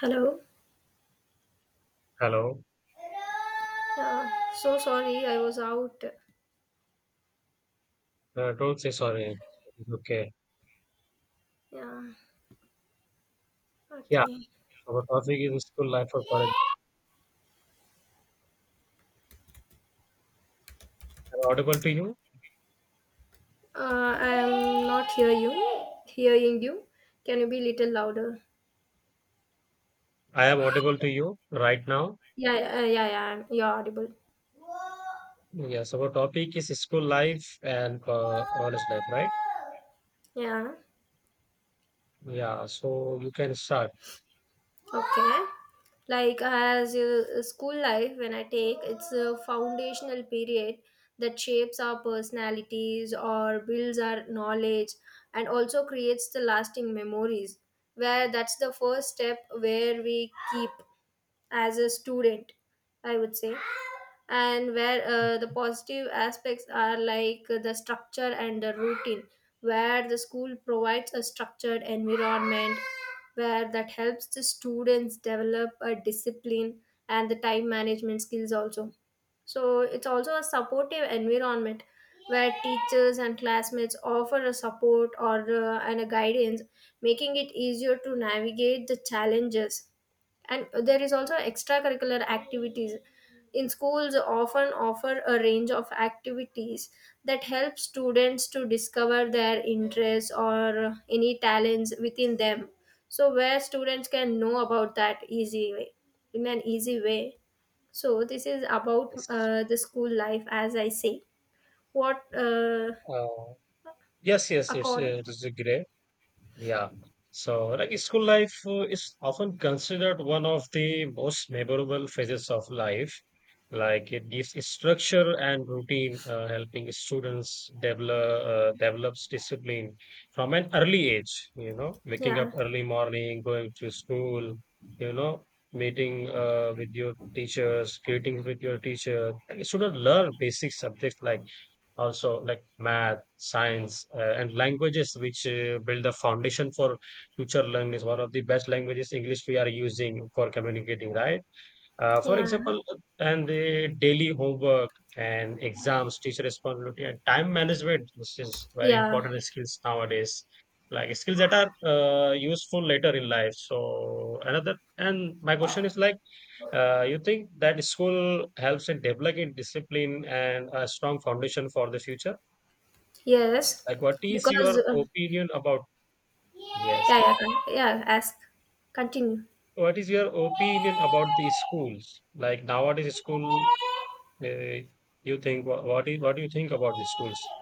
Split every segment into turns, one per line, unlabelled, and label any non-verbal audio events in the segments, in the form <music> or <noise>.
Hello.
Hello.
Yeah, so sorry, I was out.
No, don't say sorry. It's okay.
Yeah.
Yeah.
Okay.
So our topic is school life for college. Am I audible to you?
I am not hear you. Hearing you. Can you be little louder?
I am audible to you right now.
Yeah. You're audible.
Yeah. So our topic is school life and college life, right?
Yeah.
Yeah. So you can start.
Okay. Like as school life, when I take, it's a foundational period that shapes our personalities or builds our knowledge and also creates the lasting memories where that's the first step where we keep as a student, I would say, and where the positive aspects are like the structure and the routine where the school provides a structured environment where that helps the students develop a discipline and the time management skills also. So it's also a supportive environment where teachers and classmates offer a support or and a guidance, making it easier to navigate the challenges. And there is also extracurricular activities in schools often offer a range of activities that help students to discover their interests or any talents within them, so where students can know about that easy way, in an easy way. So this is about
Yes.
the school life, as I say. What
Uh, Yes.
according,
It is great. Yeah. So, like school life is often considered one of the most memorable phases of life. Like it gives structure and routine, helping students develop develops discipline from an early age. You know, waking
yeah.
up early morning, going to school. You know, meeting with your teachers, greeting with your teacher. And students learn basic subjects like also like math, science, and languages which build the foundation for future learning. Is one of the best languages english we are using for communicating, right? For
Yeah.
example, and the daily homework and exams, teacher responsibility and time management, which is very
Yeah.
important skills nowadays. Like skills that are useful later in life. So another and my question is like, you think that school helps in developing discipline and a strong foundation for the future?
Yes.
Like, what is
Because
your opinion about?
Yeah,
Yes.
yeah, con- yeah. Ask. Continue.
What is your opinion about the schools? Like nowadays, school. Uh, you think what is, what do you think about the schools?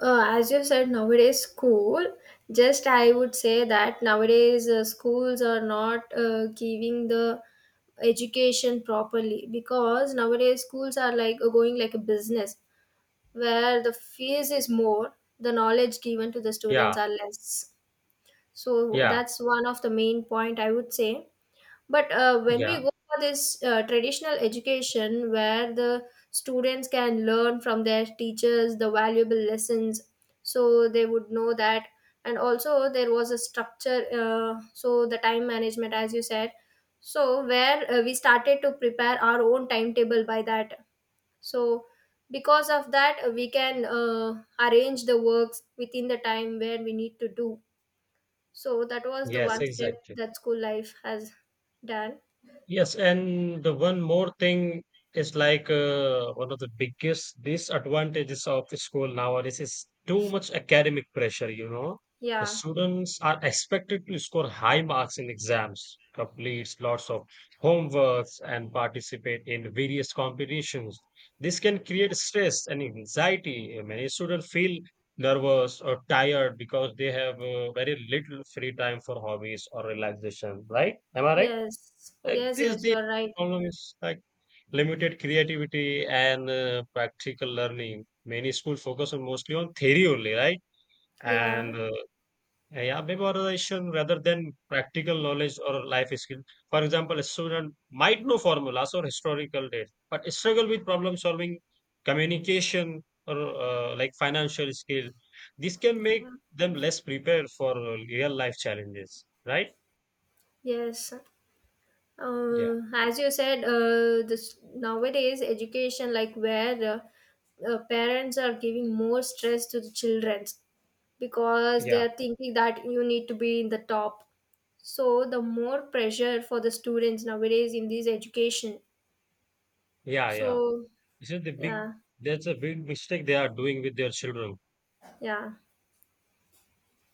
As you said, nowadays school. Just I would say that nowadays schools are not giving the education properly, because nowadays schools are like going like a business where the fees is more, the knowledge given to the
Yeah,
students are less. So
yeah,
that's one of the main point, I would say. But when
yeah.
we go for this traditional education where the students can learn from their teachers the valuable lessons, so they would know that. And also, there was a structure, so the time management, as you said, so where we started to prepare our own timetable by that. So, because of that, we can arrange the works within the time where we need to do. So, that was the
Yes,
one step
exactly.
that school life has done.
Yes, and the one more thing is like, one of the biggest disadvantages of school nowadays is too much academic pressure, you know. The
Yeah.
students are expected to score high marks in exams, complete lots of homeworks, and participate in various competitions. This can create stress and anxiety. Many students feel nervous or tired because they have very little free time for hobbies or relaxation, right? Am I right?
Yes,
Like
yes,
this,
yes,
the
you're right.
problem is like limited creativity and practical learning. Many schools focus on mostly on theory only, right?
Yeah,
And yeah, memorization rather than practical knowledge or life skill. For example, a student might know formulas or historical data, but struggle with problem solving, communication, or like financial skill. This can
yeah,
make them less prepared for real life challenges, right?
yes.
Yeah,
As you said, this nowadays education, like where parents are giving more stress to the children, because they
yeah,
are thinking that you need to be in the top. So the more pressure for the students nowadays in this education.
yeah, yeah.
So
This is the big,
yeah,
that's a big mistake they are doing with their children.
yeah,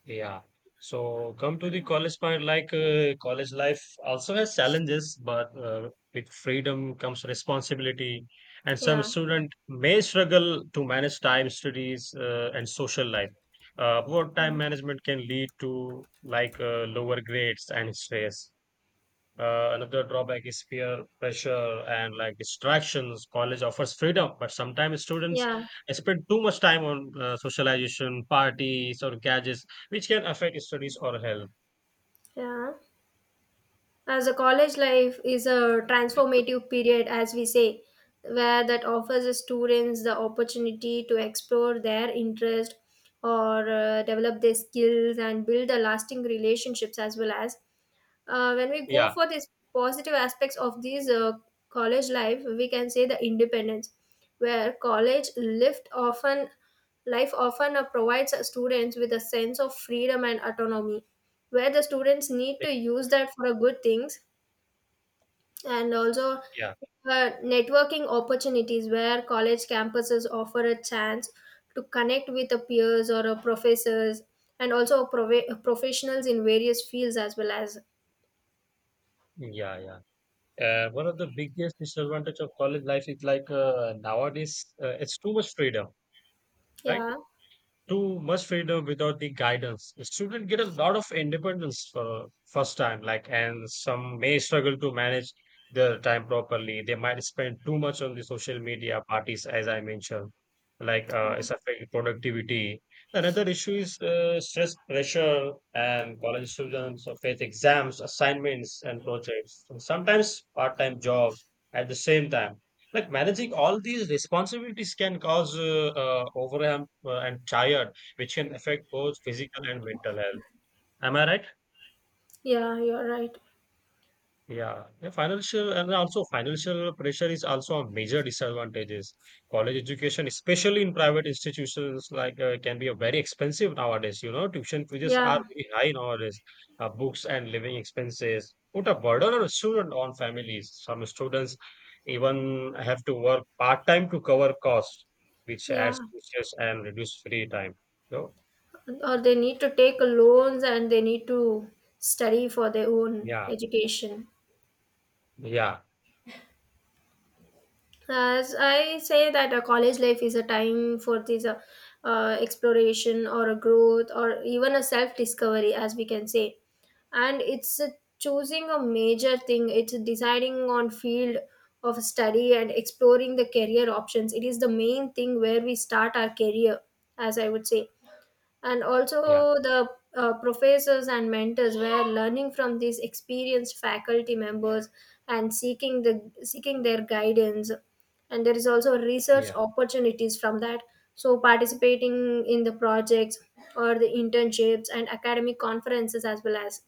Yeah. So come to the college part, like college life also has challenges, but with freedom comes responsibility, and some
yeah,
student may struggle to manage time, studies, and social life. Poor time
yeah,
management can lead to like lower grades and stress. Another drawback is peer pressure and like distractions. College offers freedom, but sometimes students
yeah,
spend too much time on socialization, parties, or gadgets, which can affect studies or health.
yeah. As a college life is a transformative period, as we say, where that offers the students the opportunity to explore their interest or develop their skills and build the lasting relationships, as well as when we go
Yeah,
for these positive aspects of these college life, we can say the independence, where college lift often life often provides students with a sense of freedom and autonomy, where the students need
like,
to use that for a good things, and also
yeah,
networking opportunities where college campuses offer a chance to connect with a peers or a professors, and also professionals in various fields as well as
yeah, yeah. One of the biggest disadvantage of college life is like, nowadays it's too much freedom, right?
yeah.
Too much freedom without the guidance. The student get a lot of independence for first time, like, and some may struggle to manage their time properly. They might spend too much on the social media parties, as I mentioned, like it's affecting productivity. Another issue is stress pressure and college students or face exams, assignments, and projects, and sometimes part-time jobs at the same time. Like managing all these responsibilities can cause overwhelm and tired, which can affect both physical and mental health. Am I right?
Yeah, you're right.
Yeah, yeah, financial and also financial pressure is also a major disadvantages. College education, especially in private institutions, like can be a very expensive nowadays. You know, tuition fees
Yeah.
are very high nowadays. Books and living expenses put a burden on a student on families. Some students even have to work part time to cover costs, which adds
Yeah,
stress and reduce free time. So
or they need to take loans and they need to study for their own
yeah,
education.
yeah,
As I say that a college life is a time for this exploration or a growth or even a self discovery, as we can say, and it's a choosing a major thing. It's deciding on field of study and exploring the career options. It is the main thing where we start our career, as I would say. And also
yeah,
the professors and mentors were learning from these experienced faculty members and seeking their guidance, and there is also research
yeah,
opportunities from that, so participating in the projects or the internships and academic conferences as well as.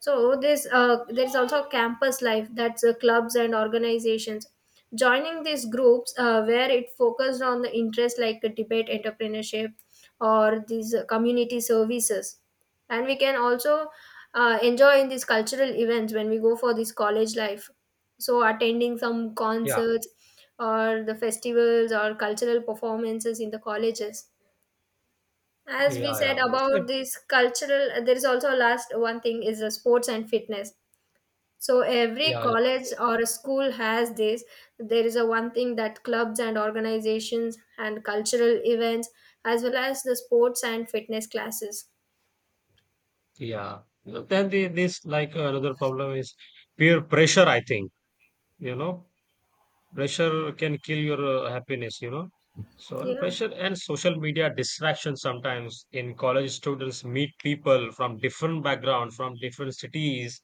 So this there is also campus life that's clubs and organizations. Joining these groups where it focused on the interest like debate, entrepreneurship, or these community services, and we can also enjoy in these cultural events when we go for this college life. So attending some
yeah,
concerts or the festivals or cultural performances in the colleges. As we
yeah,
said
yeah. That's right.
about this cultural, there is also last one thing is the sports and fitness, so every
Yeah, yeah.
college or a school has this. There is a one thing that clubs and organizations and cultural events, as well as the sports and fitness classes.
Yeah. Then the, this like another problem is peer pressure, I think, you know, pressure can kill your happiness, you know. So
Yeah,
pressure and social media distraction sometimes in college students meet people from different background, from different cities,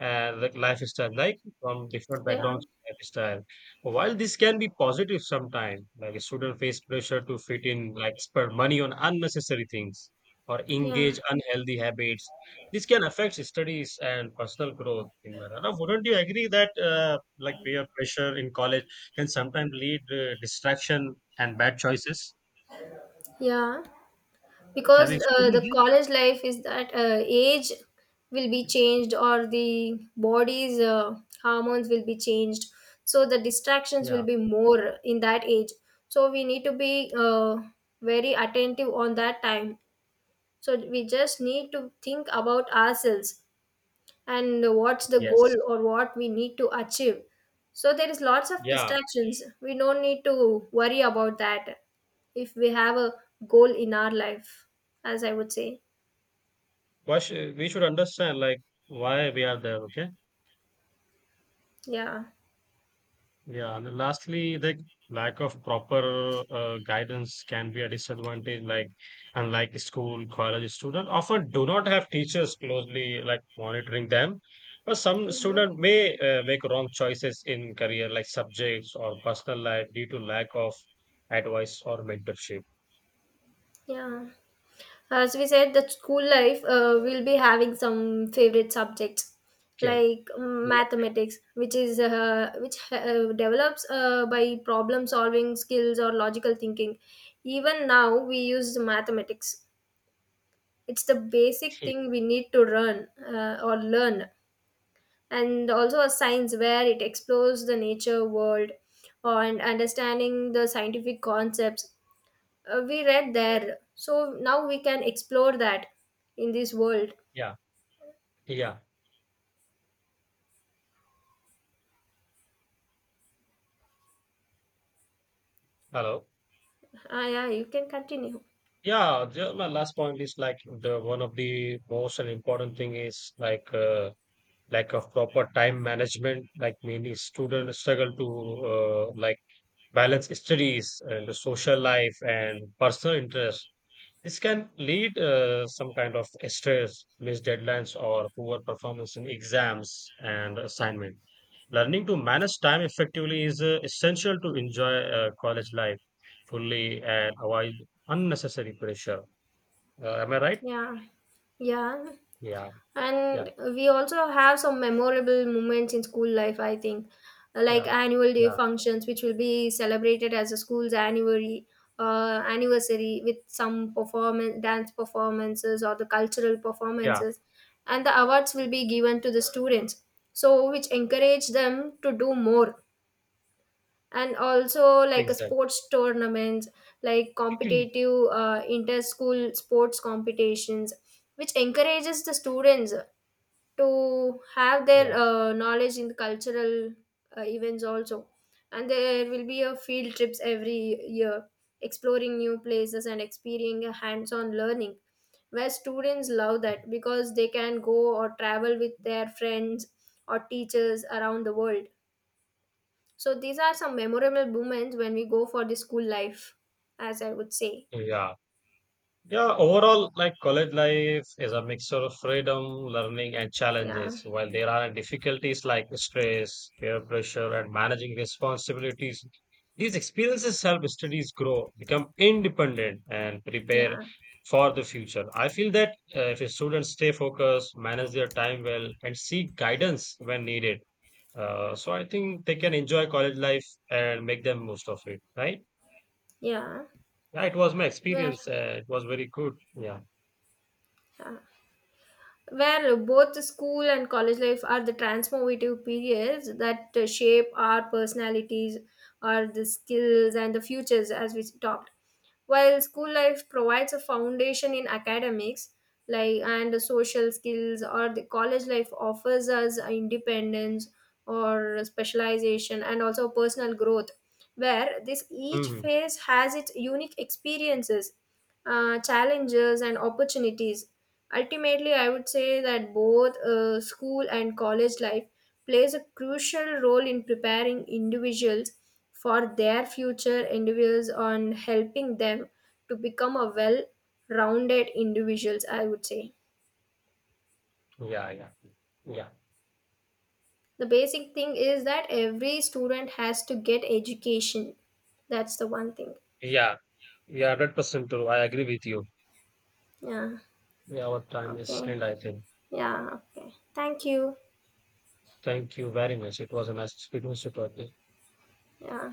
like lifestyle, like from different
yeah,
backgrounds, lifestyle. While this can be positive sometimes, like a student face pressure to fit in, like spend money on unnecessary things or
yeah,
engage unhealthy habits. This can affect studies and personal growth. In my Rana, wouldn't you agree that like peer pressure in college? Can sometimes lead distraction and bad choices.
yeah.
Have
Because
you experienced
the
this?
college life is that age will be changed, or the body's hormones will be changed. So the distractions
Yeah.
will be more in that age. So we need to be very attentive on that time. So we just need to think about ourselves and what's the goal
Yes.
or what we need to achieve. So there is lots of
Yeah.
distractions. We don't need to worry about that if we have a goal in our life, as I would say.
Why should, we should understand like why we are there. Okay.
Yeah.
Yeah. And then lastly, the lack of proper guidance can be a disadvantage. Like, unlike school, college student often do not have teachers closely like monitoring them. But some
Uh-huh.
student may make wrong choices in career, like subjects or personal life, due to lack of advice or mentorship.
Yeah. As we said, that school life, we'll be having some favorite subjects
Okay.
like mathematics, which is which develops by problem solving skills or logical thinking. Even now, we use mathematics. It's the basic thing we need to learn. And also a science where it explores the nature world and understanding the scientific concepts we read there, so now we can explore that in this world.
Yeah, yeah, yeah. Hello.
Ah, yeah, you can continue.
Yeah, the, my last point is like the one of the most and important thing is like, lack of proper time management. Like many students struggle to like balance studies and the social life and personal interest. This can lead some kind of stress, missed deadlines, or poor performance in exams and assignment. Learning to manage time effectively is essential to enjoy college life fully and avoid unnecessary pressure. Am I right?
Yeah, yeah,
Yeah, yeah,
and we also have some memorable moments in school life, I think. Like
yeah,
annual day
yeah,
functions which will be celebrated as a school's anniversary with some performance dance performances or the cultural
yeah,
performances, and the awards will be given to the students, so which encourage them to do more, and also like a
exactly.
sports tournaments, like
<clears throat>
competitive inter-school sports competitions, which encourages the students to have
Yeah,
their knowledge in the cultural events also. And there will be a field trips every year, exploring new places and experiencing a hands-on learning, where students love
okay.
that because they can go or travel with their friends or teachers around the world. So these are some memorable moments when we go for the school life, as I would say.
Yeah. Yeah, overall, like college life is a mixture of freedom, learning, and
Yeah,
challenges. While there are difficulties like stress, peer pressure, and managing responsibilities, these experiences help studies grow, become independent, and prepare
yeah,
for the future. I feel that if students stay focused, manage their time well, and seek guidance when needed, so I think they can enjoy college life and make the most of it, right?
yeah.
Yeah, it was my
Where,
experience. It was very good. Yeah.
yeah. Where both the school and college life are the transformative periods that shape our personalities, our the skills and the futures, as we talked. While school life provides a foundation in academics, like and social skills, or the college life offers us independence or specialization and also personal growth, where this each
Hmm.
phase has its unique experiences, challenges, and opportunities. Ultimately, I would say that both school and college life plays a crucial role in preparing individuals for their future endeavors on helping them to become a well-rounded individuals, I would say.
Yeah, yeah,
The basic thing is that every student has to get education. That's the one thing.
yeah, yeah, yeah, 100% true. I agree with you.
Yeah.
Yeah, our time is
Okay.
end, I think.
Yeah, okay. Thank you.
Thank you very much. It was a nice speaking to you.
Yeah.